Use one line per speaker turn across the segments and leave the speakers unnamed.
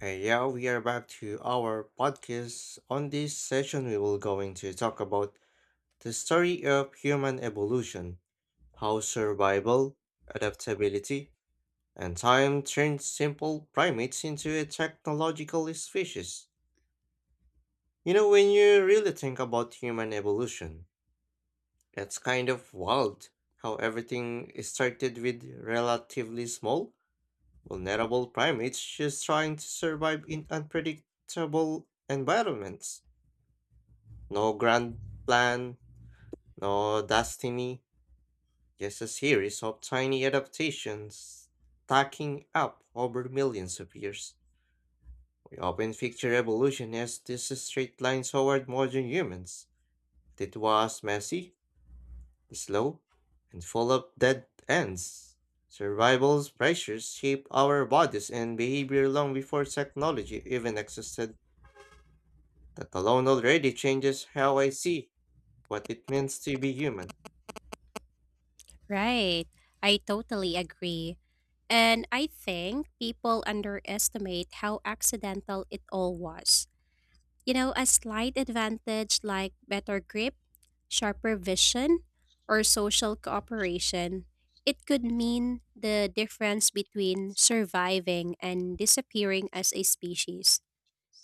Hey, yeah, we are back to our podcast. On this session, we will going to talk about the story of human evolution, how survival, adaptability, and time turned simple primates into a technological species. You know, when you really think about human evolution, it's kind of wild how everything started with relatively small, vulnerable primates just trying to survive in unpredictable environments. No grand plan, no destiny, just a series of tiny adaptations stacking up over millions of years. We often picture evolution as this straight line toward modern humans. But It was messy, slow, and full of dead ends. Survival pressures shaped our bodies and behavior long before technology even existed. That alone already changes how I see what it means to be human.
Right. I totally agree. And I think people underestimate how accidental it all was. A slight advantage like better grip, sharper vision, or social cooperation, it could mean the difference between surviving and disappearing as a species.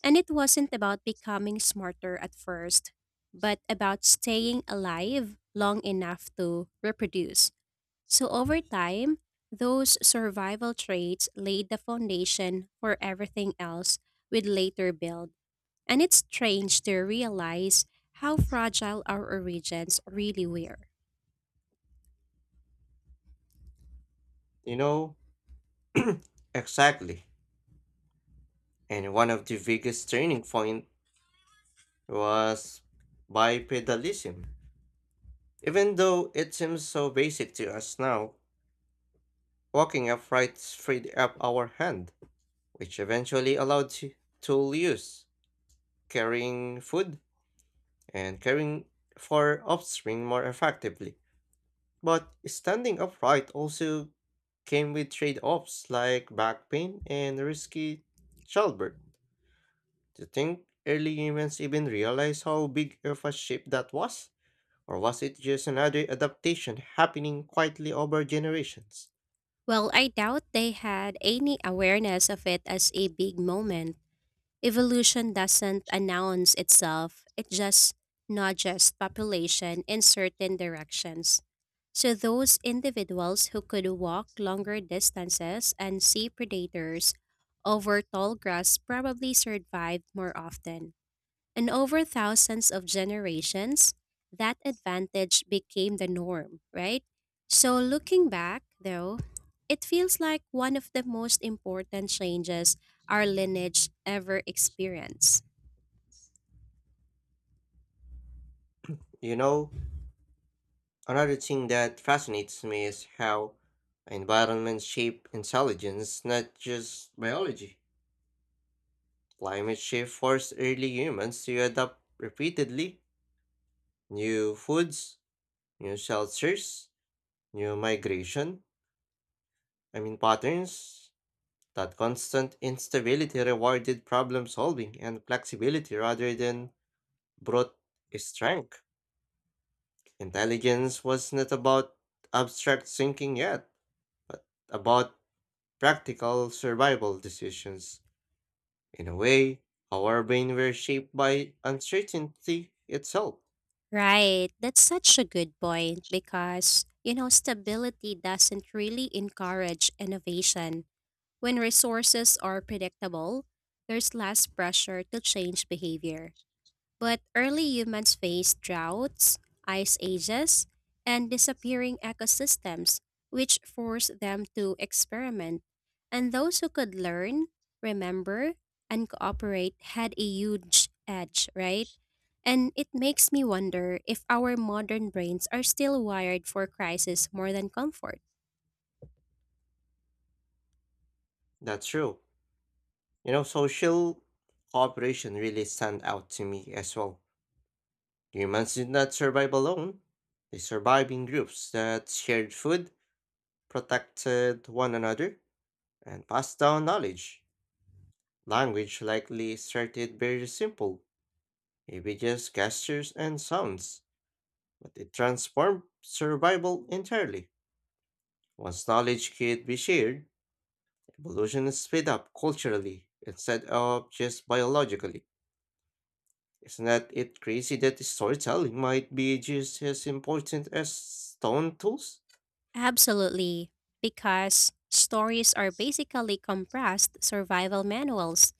And it wasn't about becoming smarter at first, but about staying alive long enough to reproduce. So, over time, those survival traits laid the foundation for everything else we'd later build. And it's strange to realize how fragile our origins really were.
You know, exactly. And one of the biggest turning point was bipedalism. Even though it seems so basic to us now, walking upright freed up our hand, which eventually allowed to tool use, carrying food, and caring for offspring more effectively. But standing upright also came with trade-offs like back pain and risky childbirth. Do you think early humans even realized how big of a shape that was? Or was it just another adaptation happening quietly over generations?
Well, I doubt they had any awareness of it as a big moment. Evolution doesn't announce itself, it just nudges population in certain directions. So, those individuals who could walk longer distances and see predators over tall grass probably survived more often. And over thousands of generations, that advantage became the norm, right? So, looking back, though, it feels like one of the most important changes our lineage ever experienced.
You know, another thing that fascinates me is how environment shape intelligence, not just biology. Climate shift forced early humans to adapt repeatedly, new foods, new shelters, new migration, patterns. That constant instability rewarded problem solving and flexibility rather than brute strength. Intelligence was not about abstract thinking yet, but about practical survival decisions. In a way, our brain were shaped by uncertainty itself.
Right. That's such a good point because, stability doesn't really encourage innovation. When resources are predictable, there's less pressure to change behavior. But early humans faced droughts, ice ages, and disappearing ecosystems, which forced them to experiment. And those who could learn, remember, and cooperate had a huge edge, right? And it makes me wonder if our modern brains are still wired for crisis more than comfort.
That's true. You know, social cooperation really stand out to me as well. Humans did not survive alone. They survived in groups that shared food, protected one another, and passed down knowledge. Language likely started very simple, maybe just gestures and sounds, but it transformed survival entirely. Once knowledge could be shared, evolution sped up culturally instead of just biologically. Isn't that it crazy that storytelling might be just as important as stone tools?
Absolutely, because stories are basically compressed survival manuals.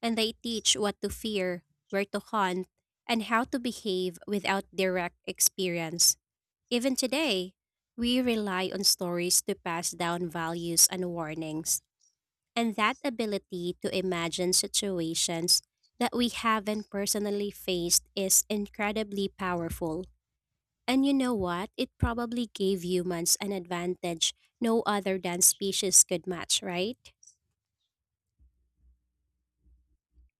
And they teach what to fear, where to hunt, and how to behave without direct experience. Even today, we rely on stories to pass down values and warnings, and that ability to imagine situations that we haven't personally faced is incredibly powerful. And you know what? It probably gave humans an advantage no other than species could match, right?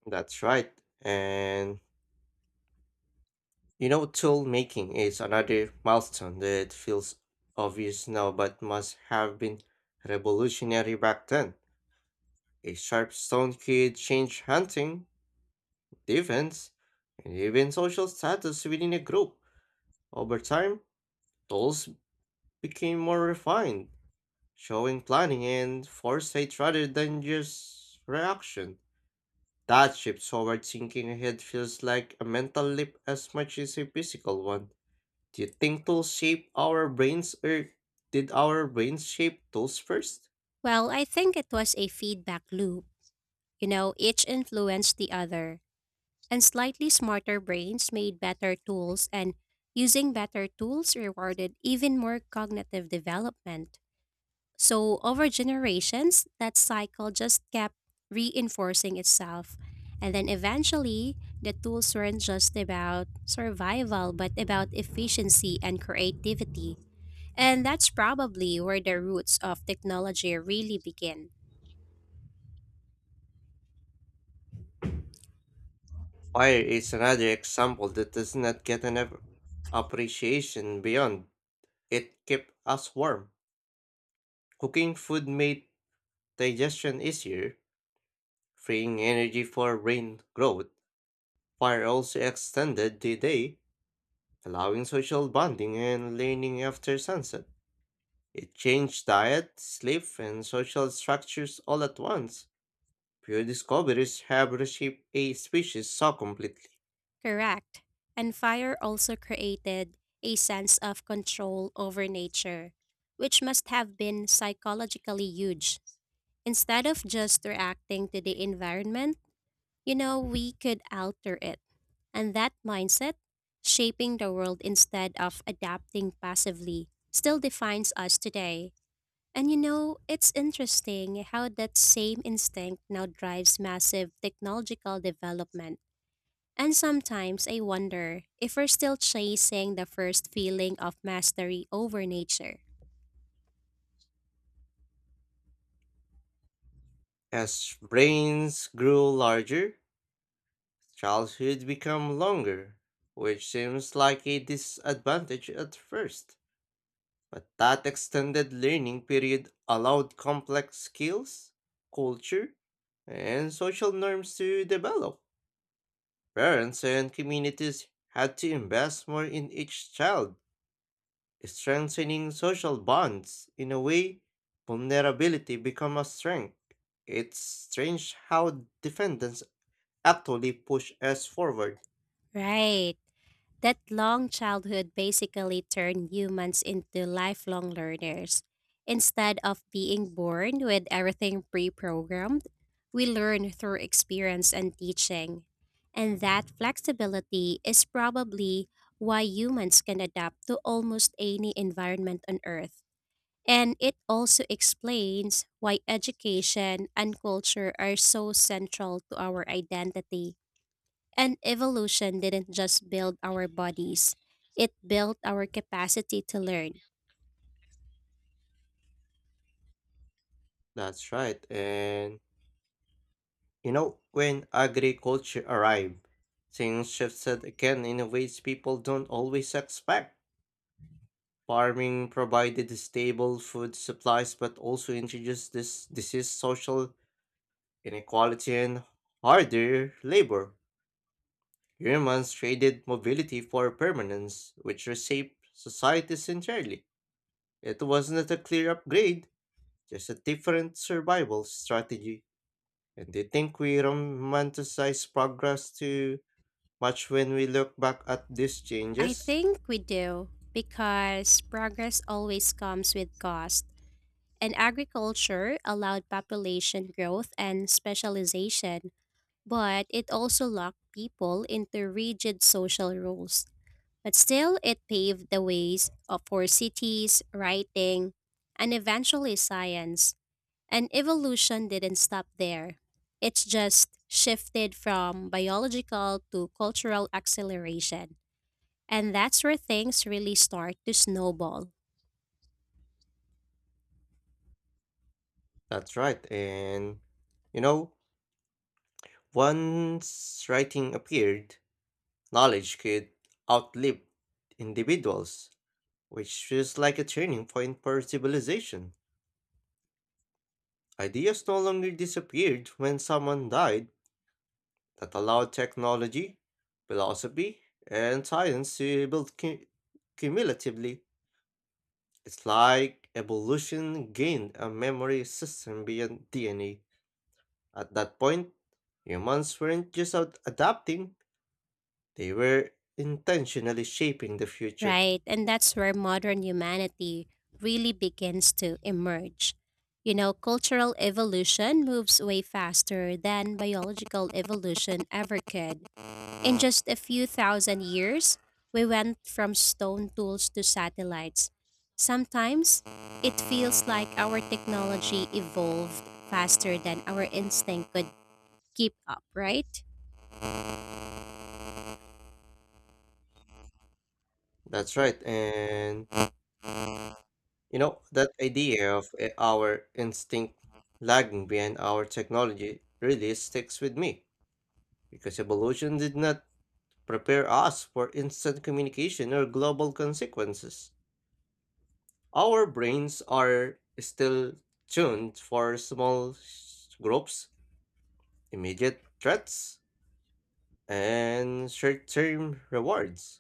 That's right. And you know, tool making is another milestone that feels obvious now but must have been revolutionary back then. A sharp stone could change hunting, defense, and even social status within a group. Over time, tools became more refined, showing planning and foresight rather than just reaction. That shift toward thinking ahead feels like a mental leap as much as a physical one. Do you think tools shape our brains, or did our brains shape tools first?
Well, I think it was a feedback loop. Each influenced the other, and slightly smarter brains made better tools, and using better tools rewarded even more cognitive development. So, over generations, that cycle just kept reinforcing itself. And then eventually, the tools weren't just about survival, but about efficiency and creativity. And that's probably where the roots of technology really begin.
Fire is another example that does not get enough appreciation beyond it kept us warm. Cooking food made digestion easier, freeing energy for brain growth. Fire also extended the day, allowing social bonding and learning after sunset. It changed diet, sleep, and social structures all at once. Few discoveries have reshaped a species so completely.
Correct. And fire also created a sense of control over nature, which must have been psychologically huge. Instead of just reacting to the environment, we could alter it. And that mindset, shaping the world instead of adapting passively, still defines us today. And it's interesting how that same instinct now drives massive technological development, and sometimes I wonder if we're still chasing the first feeling of mastery over nature.
As brains grew larger, childhood became longer, which seems like a disadvantage at first. But that extended learning period allowed complex skills, culture, and social norms to develop. Parents and communities had to invest more in each child, strengthening social bonds in a way vulnerability become a strength. It's strange how defendants actually push us forward.
Right. That long childhood basically turned humans into lifelong learners. Instead of being born with everything pre programmed, we learn through experience and teaching. And that flexibility is probably why humans can adapt to almost any environment on Earth. And it also explains why education and culture are so central to our identity. And evolution didn't just build our bodies, it built our capacity to learn.
That's right, and you know, when agriculture arrived, things shifted again in ways people don't always expect. Farming provided stable food supplies but also introduced this disease, social inequality, and harder labor. Humans traded mobility for permanence, which reshaped societies entirely. It wasn't a clear upgrade, just a different survival strategy. And they think we romanticize progress too much when we look back at these
I
changes.
think we do, because progress always comes with cost. And agriculture allowed population growth and specialization, but it also locked people into rigid social rules. But still, it paved the ways for cities, writing, and eventually science. And evolution didn't stop there. It's just shifted from biological to cultural acceleration. And that's where things really start to snowball,
That's right, and you know, once writing appeared, knowledge could outlive individuals, which feels like a turning point for civilization. Ideas no longer disappeared when someone died. That allowed technology, philosophy, and science to build cumulatively. It's like evolution gained a memory system beyond DNA. At that point, humans weren't just out adapting, they were intentionally shaping the future.
right? And that's where modern humanity really begins to emerge. Cultural evolution moves way faster than biological evolution ever could. In just a few thousand years, we went from stone tools to satellites. Sometimes, it feels like our technology evolved faster than our instinct could keep up, right?
That's right, and you know, that idea of our instinct lagging behind our technology really sticks with me, because evolution did not prepare us for instant communication or global consequences. Our brains are still tuned for groups, immediate threats, and short term rewards.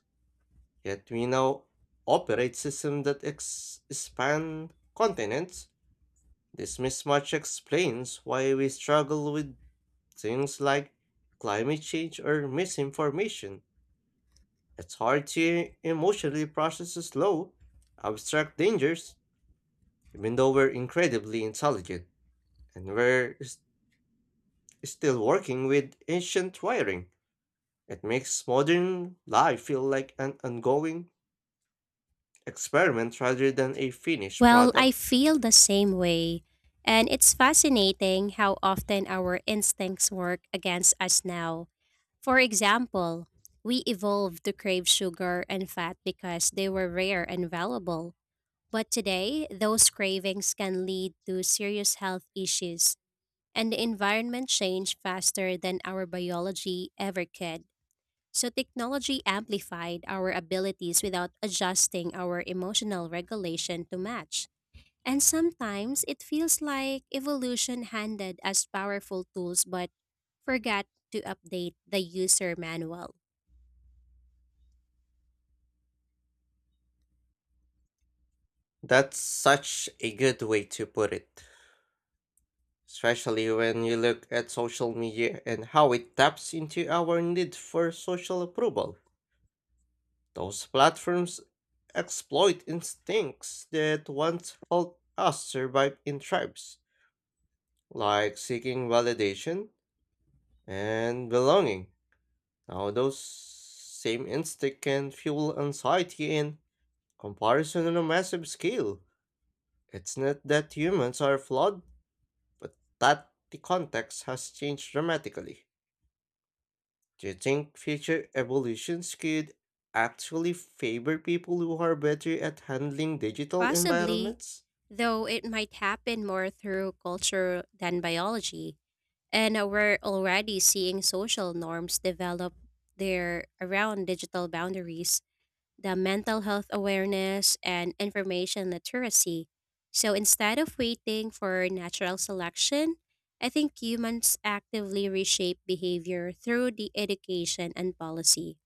Yet we now operate systems that span continents. This mismatch explains why we struggle with things like climate change or misinformation. It's hard to emotionally process the slow, abstract dangers, even though we're incredibly intelligent, and still working with ancient wiring. It makes modern life feel like an ongoing experiment rather than a finished
Well, I
product.
feel the same way. And it's fascinating how often our instincts work against us now. For example, we evolved to crave sugar and fat because they were rare and valuable. But today, those cravings can lead to serious health issues, and the environment changed faster than our biology ever could. So, technology amplified our abilities without adjusting our emotional regulation to match. And sometimes it feels like evolution handed us powerful tools but forgot to update the user manual.
That's such a good way to put it, especially when you look at social media and how it taps into our need for social approval. Those platforms exploit instincts that once helped us survive in tribes, like seeking validation and belonging. Now, those same instincts can fuel anxiety and comparison on a massive scale. It's not that humans are flawed, but that the context has changed dramatically. Do you think future evolutions could actually favor people who are better at handling digital
Possibly,
environments?
though it might happen more through culture than biology. And we're already seeing social norms develop there around digital boundaries, the mental health awareness, and information literacy. So instead of waiting for natural selection, I think humans actively reshape behavior through the education and policy.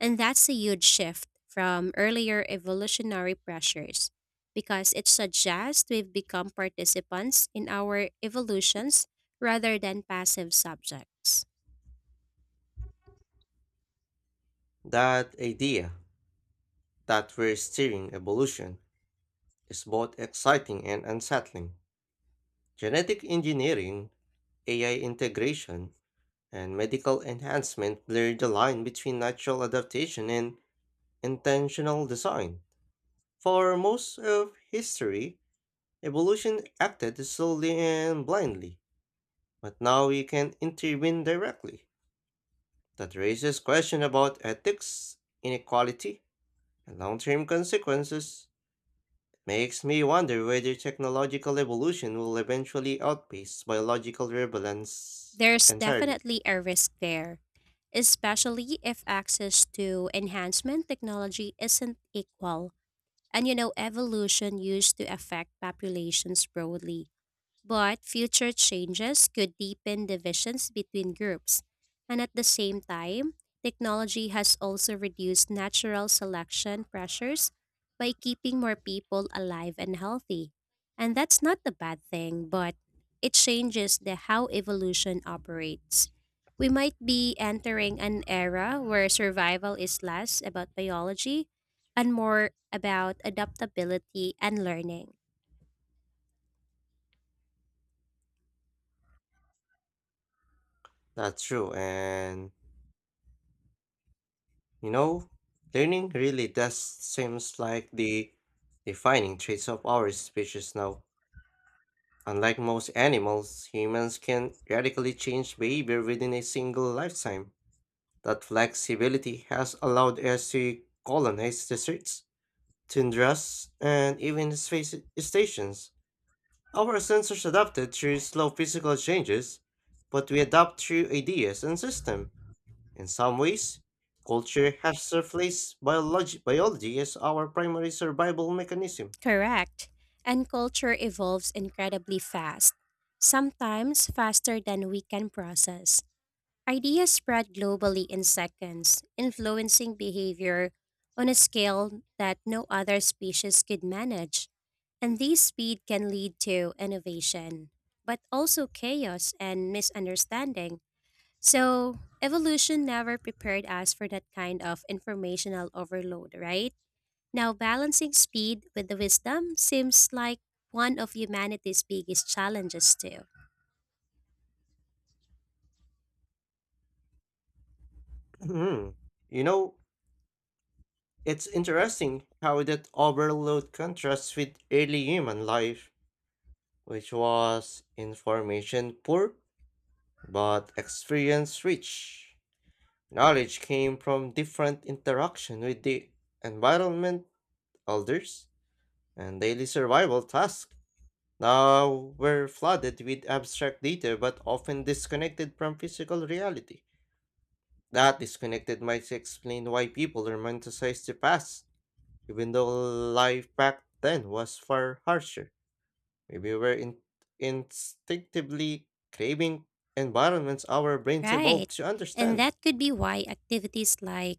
And that's a huge shift from earlier evolutionary pressures because it suggests we've become participants in our evolutions rather than passive subjects.
That idea that we're steering evolution is both exciting and unsettling. Genetic engineering, AI integration, and medical enhancement blur the line between natural adaptation and intentional design. For most of history, evolution acted slowly and blindly, but now we can intervene directly. That raises questions about ethics, inequality, and long term consequences. Makes me wonder whether technological evolution will eventually outpace biological relevance
There's
entirely.
definitely a risk there, especially if access to enhancement technology isn't equal. And evolution used to affect populations broadly. But future changes could deepen divisions between groups. And at the same time, technology has also reduced natural selection pressures by keeping more people alive and healthy. And that's not a bad thing, but it changes the how evolution operates. We might be entering an era where survival is less about biology and more about adaptability and learning.
That's true, and you know, learning really does seems like the defining traits of our species now. Unlike most animals, humans can radically change behavior within a single lifetime. That flexibility has allowed us to colonize deserts, tundras, and even space stations. Our sensors adapted through slow physical changes, but we adapt through ideas and system. In some ways, culture has replaced biology as our primary survival mechanism.
Correct. And culture evolves incredibly fast, sometimes faster than we can process. Ideas spread globally in seconds, influencing behavior on a scale that no other species could manage. And this speed can lead to innovation, but also chaos and misunderstanding. So, evolution never prepared us for that kind of informational overload, right? Now, balancing speed with the wisdom seems like one of humanity's biggest challenges, too.
Mhm. You know, it's interesting how that overload contrasts with early human life, which was information poor but experience rich. Knowledge came from different interaction with the environment, elders, and daily survival tasks. Now were flooded with abstract data but often disconnected from physical reality. That disconnected might explain why people romanticize the past, even though life back then was far harsher. Maybe we're instinctively craving environments our brains
Right.
evolved to
And
understand.
that could be why activities like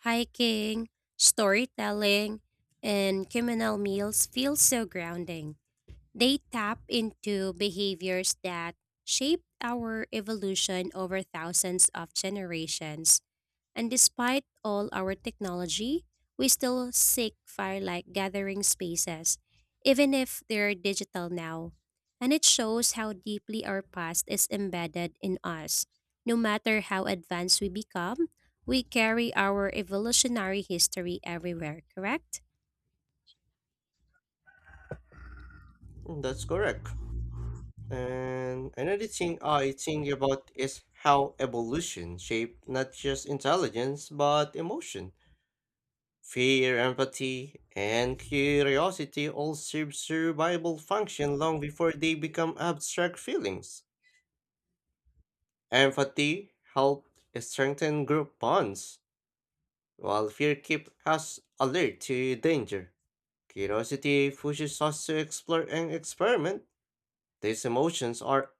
hiking, storytelling, and communal meals feel so grounding. They tap into behaviors that shaped our evolution over thousands of generations. And despite all our technology, we still seek fire like gathering spaces, even if they're digital now. And it shows how deeply our past is embedded in us. No matter how advanced we become, we carry our evolutionary history everywhere, correct?
Mm, that's correct. And another thing I think about is how evolution shaped not just intelligence but emotion. Fear, empathy, and curiosity all serve survival function long before they become abstract feelings. Empathy helped strengthen group bonds, while fear keeps us alert to danger. Curiosity pushes us to explore and experiment. These emotions are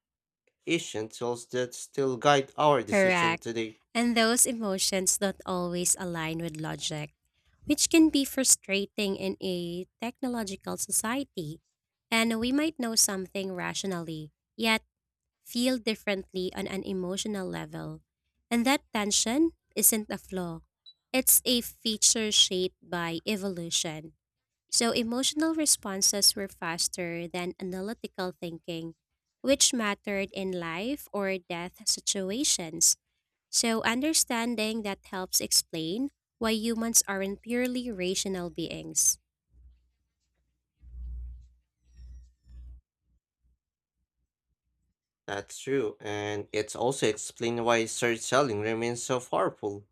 ancient tools that still guide our decision
Correct.
today.
And those emotions don't always align with logic, which can be frustrating in a technological society. And we might know something rationally, yet feel differently on an emotional level. And that tension isn't a flaw, it's a feature shaped by evolution. So emotional responses were faster than analytical thinking, which mattered in life or death situations. So understanding that helps explain why humans aren't purely rational beings.
That's true, and it's also explained why storytelling remains so powerful.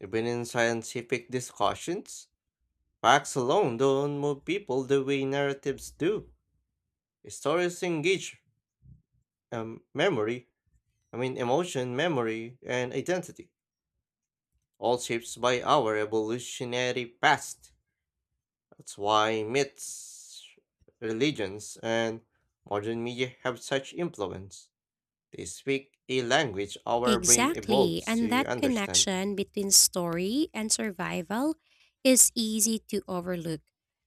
Even in scientific discussions, facts alone don't move people the way narratives do. Stories engage memory, I mean emotion, memory, and identity, all shaped by our evolutionary past. That's why myths, religions, and modern media have such influence. They speak a language our brain
Exactly,
evolves
and
to
that
understand.
connection between story and survival is easy to overlook.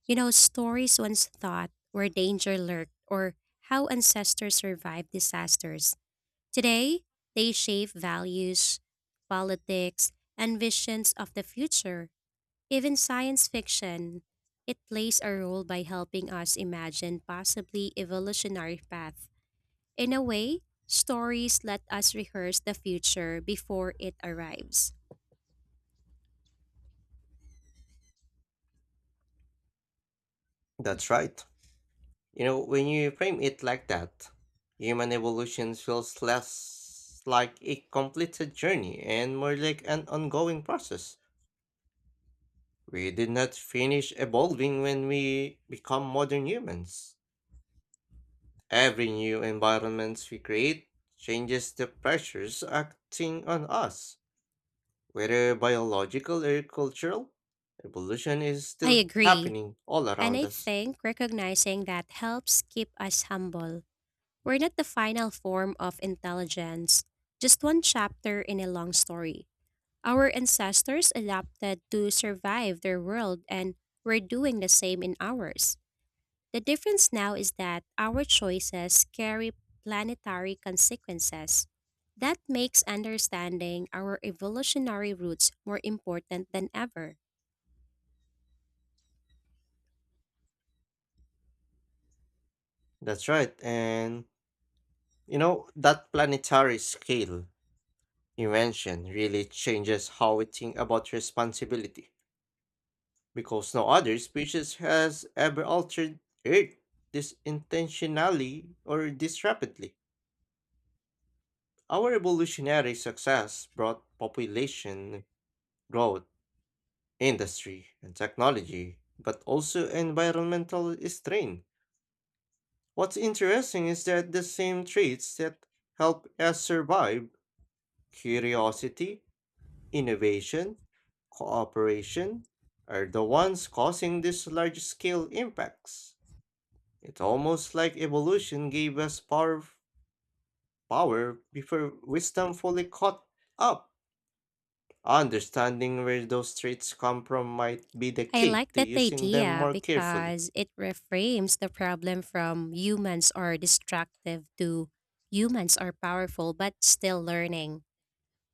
Stories once thought where danger lurked or how ancestors survived disasters. Today, they shape values, politics, and visions of the future. Even science fiction, it plays a role by helping us imagine possibly evolutionary path. In a way, stories let us rehearse the future before it arrives.
That's right. You know, when you frame it like that, human evolution feels less like a completed journey and more like an ongoing process. We did not finish evolving when we become modern humans. Every new environment we create changes the pressures acting on us. Whether biological or cultural, evolution is
I
still
agree,
happening all
and
around
I
us.
think recognizing that helps keep us humble. We're not the final form of intelligence, just one chapter in a long story. Our ancestors adapted to survive their world, and we're doing the same in ours. The difference now is that our choices carry planetary consequences. That makes understanding our evolutionary roots more important than ever.
That's right. And you know, that planetary scale invention really changes how we think about responsibility, because no other species has ever altered Earth this intentionally or this rapidly. Our evolutionary success brought population growth, industry, and technology, but also environmental strain. What's interesting is that the same traits that help us survive, curiosity, innovation, cooperation, are the ones causing these large scale impacts. It's almost like evolution gave us power, power before wisdom fully caught up. Understanding where those traits come from might be the
I
key
like
to
that
using them
idea
more carefully.
because it reframes the problem from humans are destructive to humans are powerful but still learning.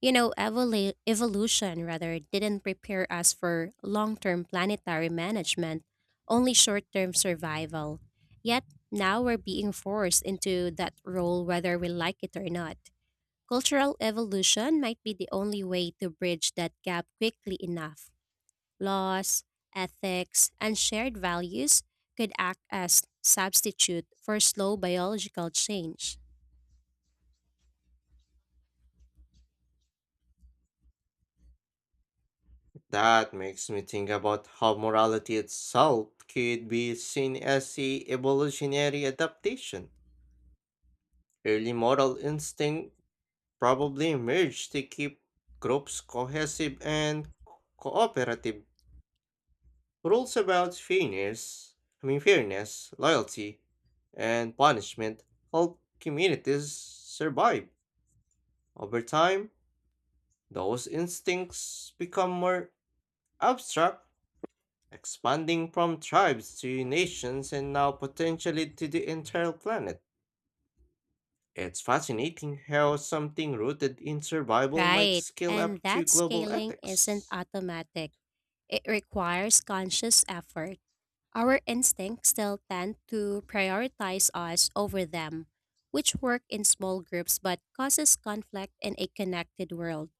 Evolution rather didn't prepare us for long term planetary management, only short term survival. Yet now we're being forced into that role whether we like it or not. Cultural evolution might be the only way to bridge that gap quickly enough. Laws, ethics, and shared values could act as substitute for slow biological change.
That makes me think about how morality itself could be seen as a evolutionary adaptation. Early moral instinct probably emerged to keep groups cohesive and cooperative. Rules about fairness, I mean fairness, loyalty, and punishment help communities survive. Over time, those instincts become more abstract, expanding from tribes to nations and now potentially to the entire planet. It's fascinating how something rooted in survival might
Right,
scale up
and
to
that
global
scaling isn't
ethics.
automatic. It requires conscious effort. Our instincts still tend to prioritize us over them, which work in small groups but causes conflict in a connected world.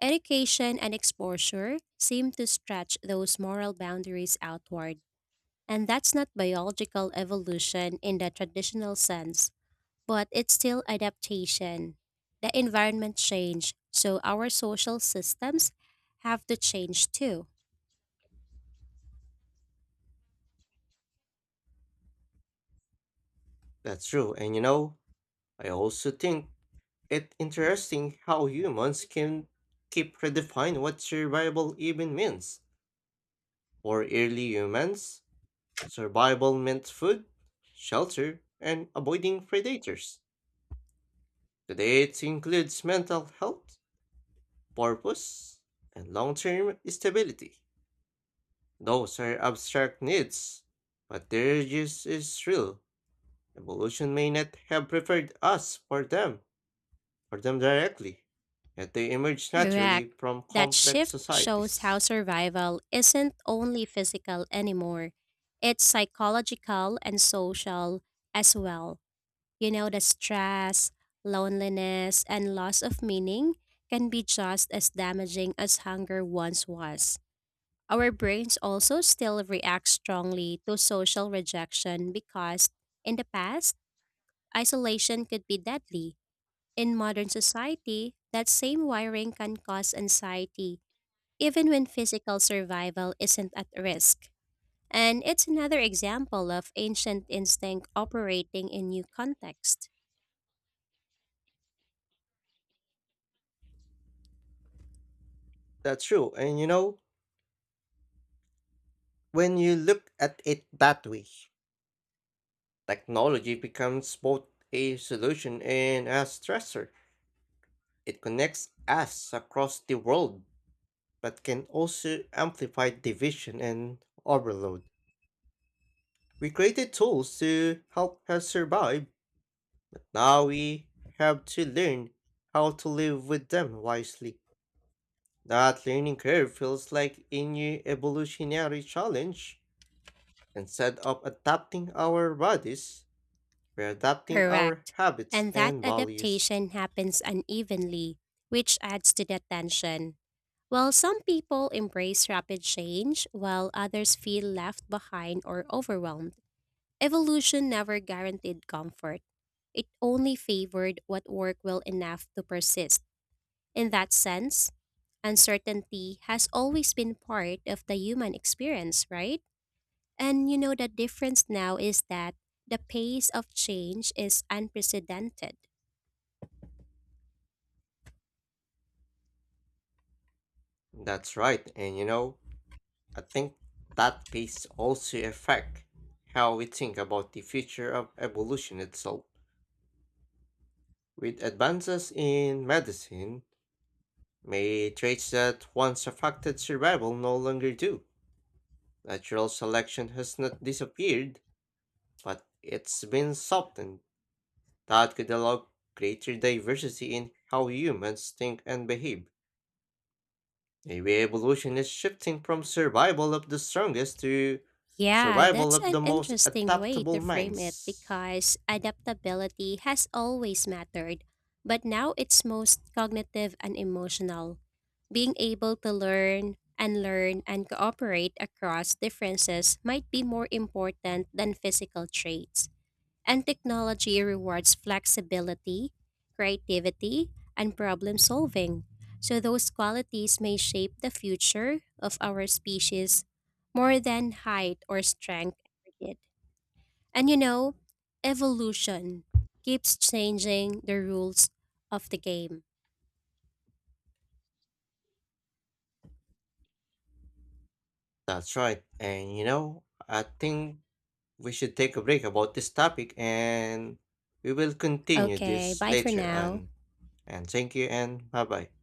Education and exposure seem to stretch those moral boundaries outward, and that's not biological evolution in the traditional sense, but it's still adaptation. The environment changed, so our social systems have to change too.
That's true, and you know, I also think it interesting how humans can keep redefining what survival even means. For early humans, survival meant food, shelter, and avoiding predators. Today it includes mental health, purpose, and long term stability. Those are abstract needs, but their use is real. Evolution may not have preferred us for them directly, yet they emerge
Correct.
naturally from
That
complex
shift shows how
societies.
survival isn't only physical anymore, it's psychological and social as well. The stress, loneliness, and loss of meaning can be just as damaging as hunger once was. Our brains also still react strongly to social rejection because, in the past, isolation could be deadly. In modern society, that same wiring can cause anxiety even when physical survival isn't at risk. And it's another example of ancient instinct operating in new context.
That's true, and you know, when you look at it that way, technology becomes both a solution and a stressor. It connects us across the world but can also amplify division and overload. We created tools to help us survive, but now we have to learn how to live with them wisely. That learning curve feels like a new evolutionary challenge. Instead of adapting our bodies, we're adapting our
Correct.
habits
And that
and values.
adaptation happens unevenly, which adds to the tension. While some people embrace rapid change, while others feel left behind or overwhelmed, evolution never guaranteed comfort. It only favored what worked well enough to persist. In that sense, uncertainty has always been part of the human experience, right? And the difference now is that the pace of change is unprecedented.
That's right, and you know, I think that piece also affects how we think about the future of evolution itself. With advances in medicine, may traits that once affected survival no longer do. Natural selection has not disappeared, but it's been softened. That could allow greater diversity in how humans think and behave. Maybe evolution is shifting from survival of the strongest to
Yeah,
survival
that's
of
an
the most
interesting way
adaptable
to frame it
minds.
because adaptability has always mattered, but now it's most cognitive and emotional. Being able to learn and cooperate across differences might be more important than physical traits. And technology rewards flexibility, creativity, and problem solving. So, those qualities may shape the future of our species more than height or strength ever did. And evolution keeps changing the rules of the game.
That's right. And you know, I think we should take a break about this topic and we will continue
Okay,
this
bye for
later
now.
on. And thank you and bye bye.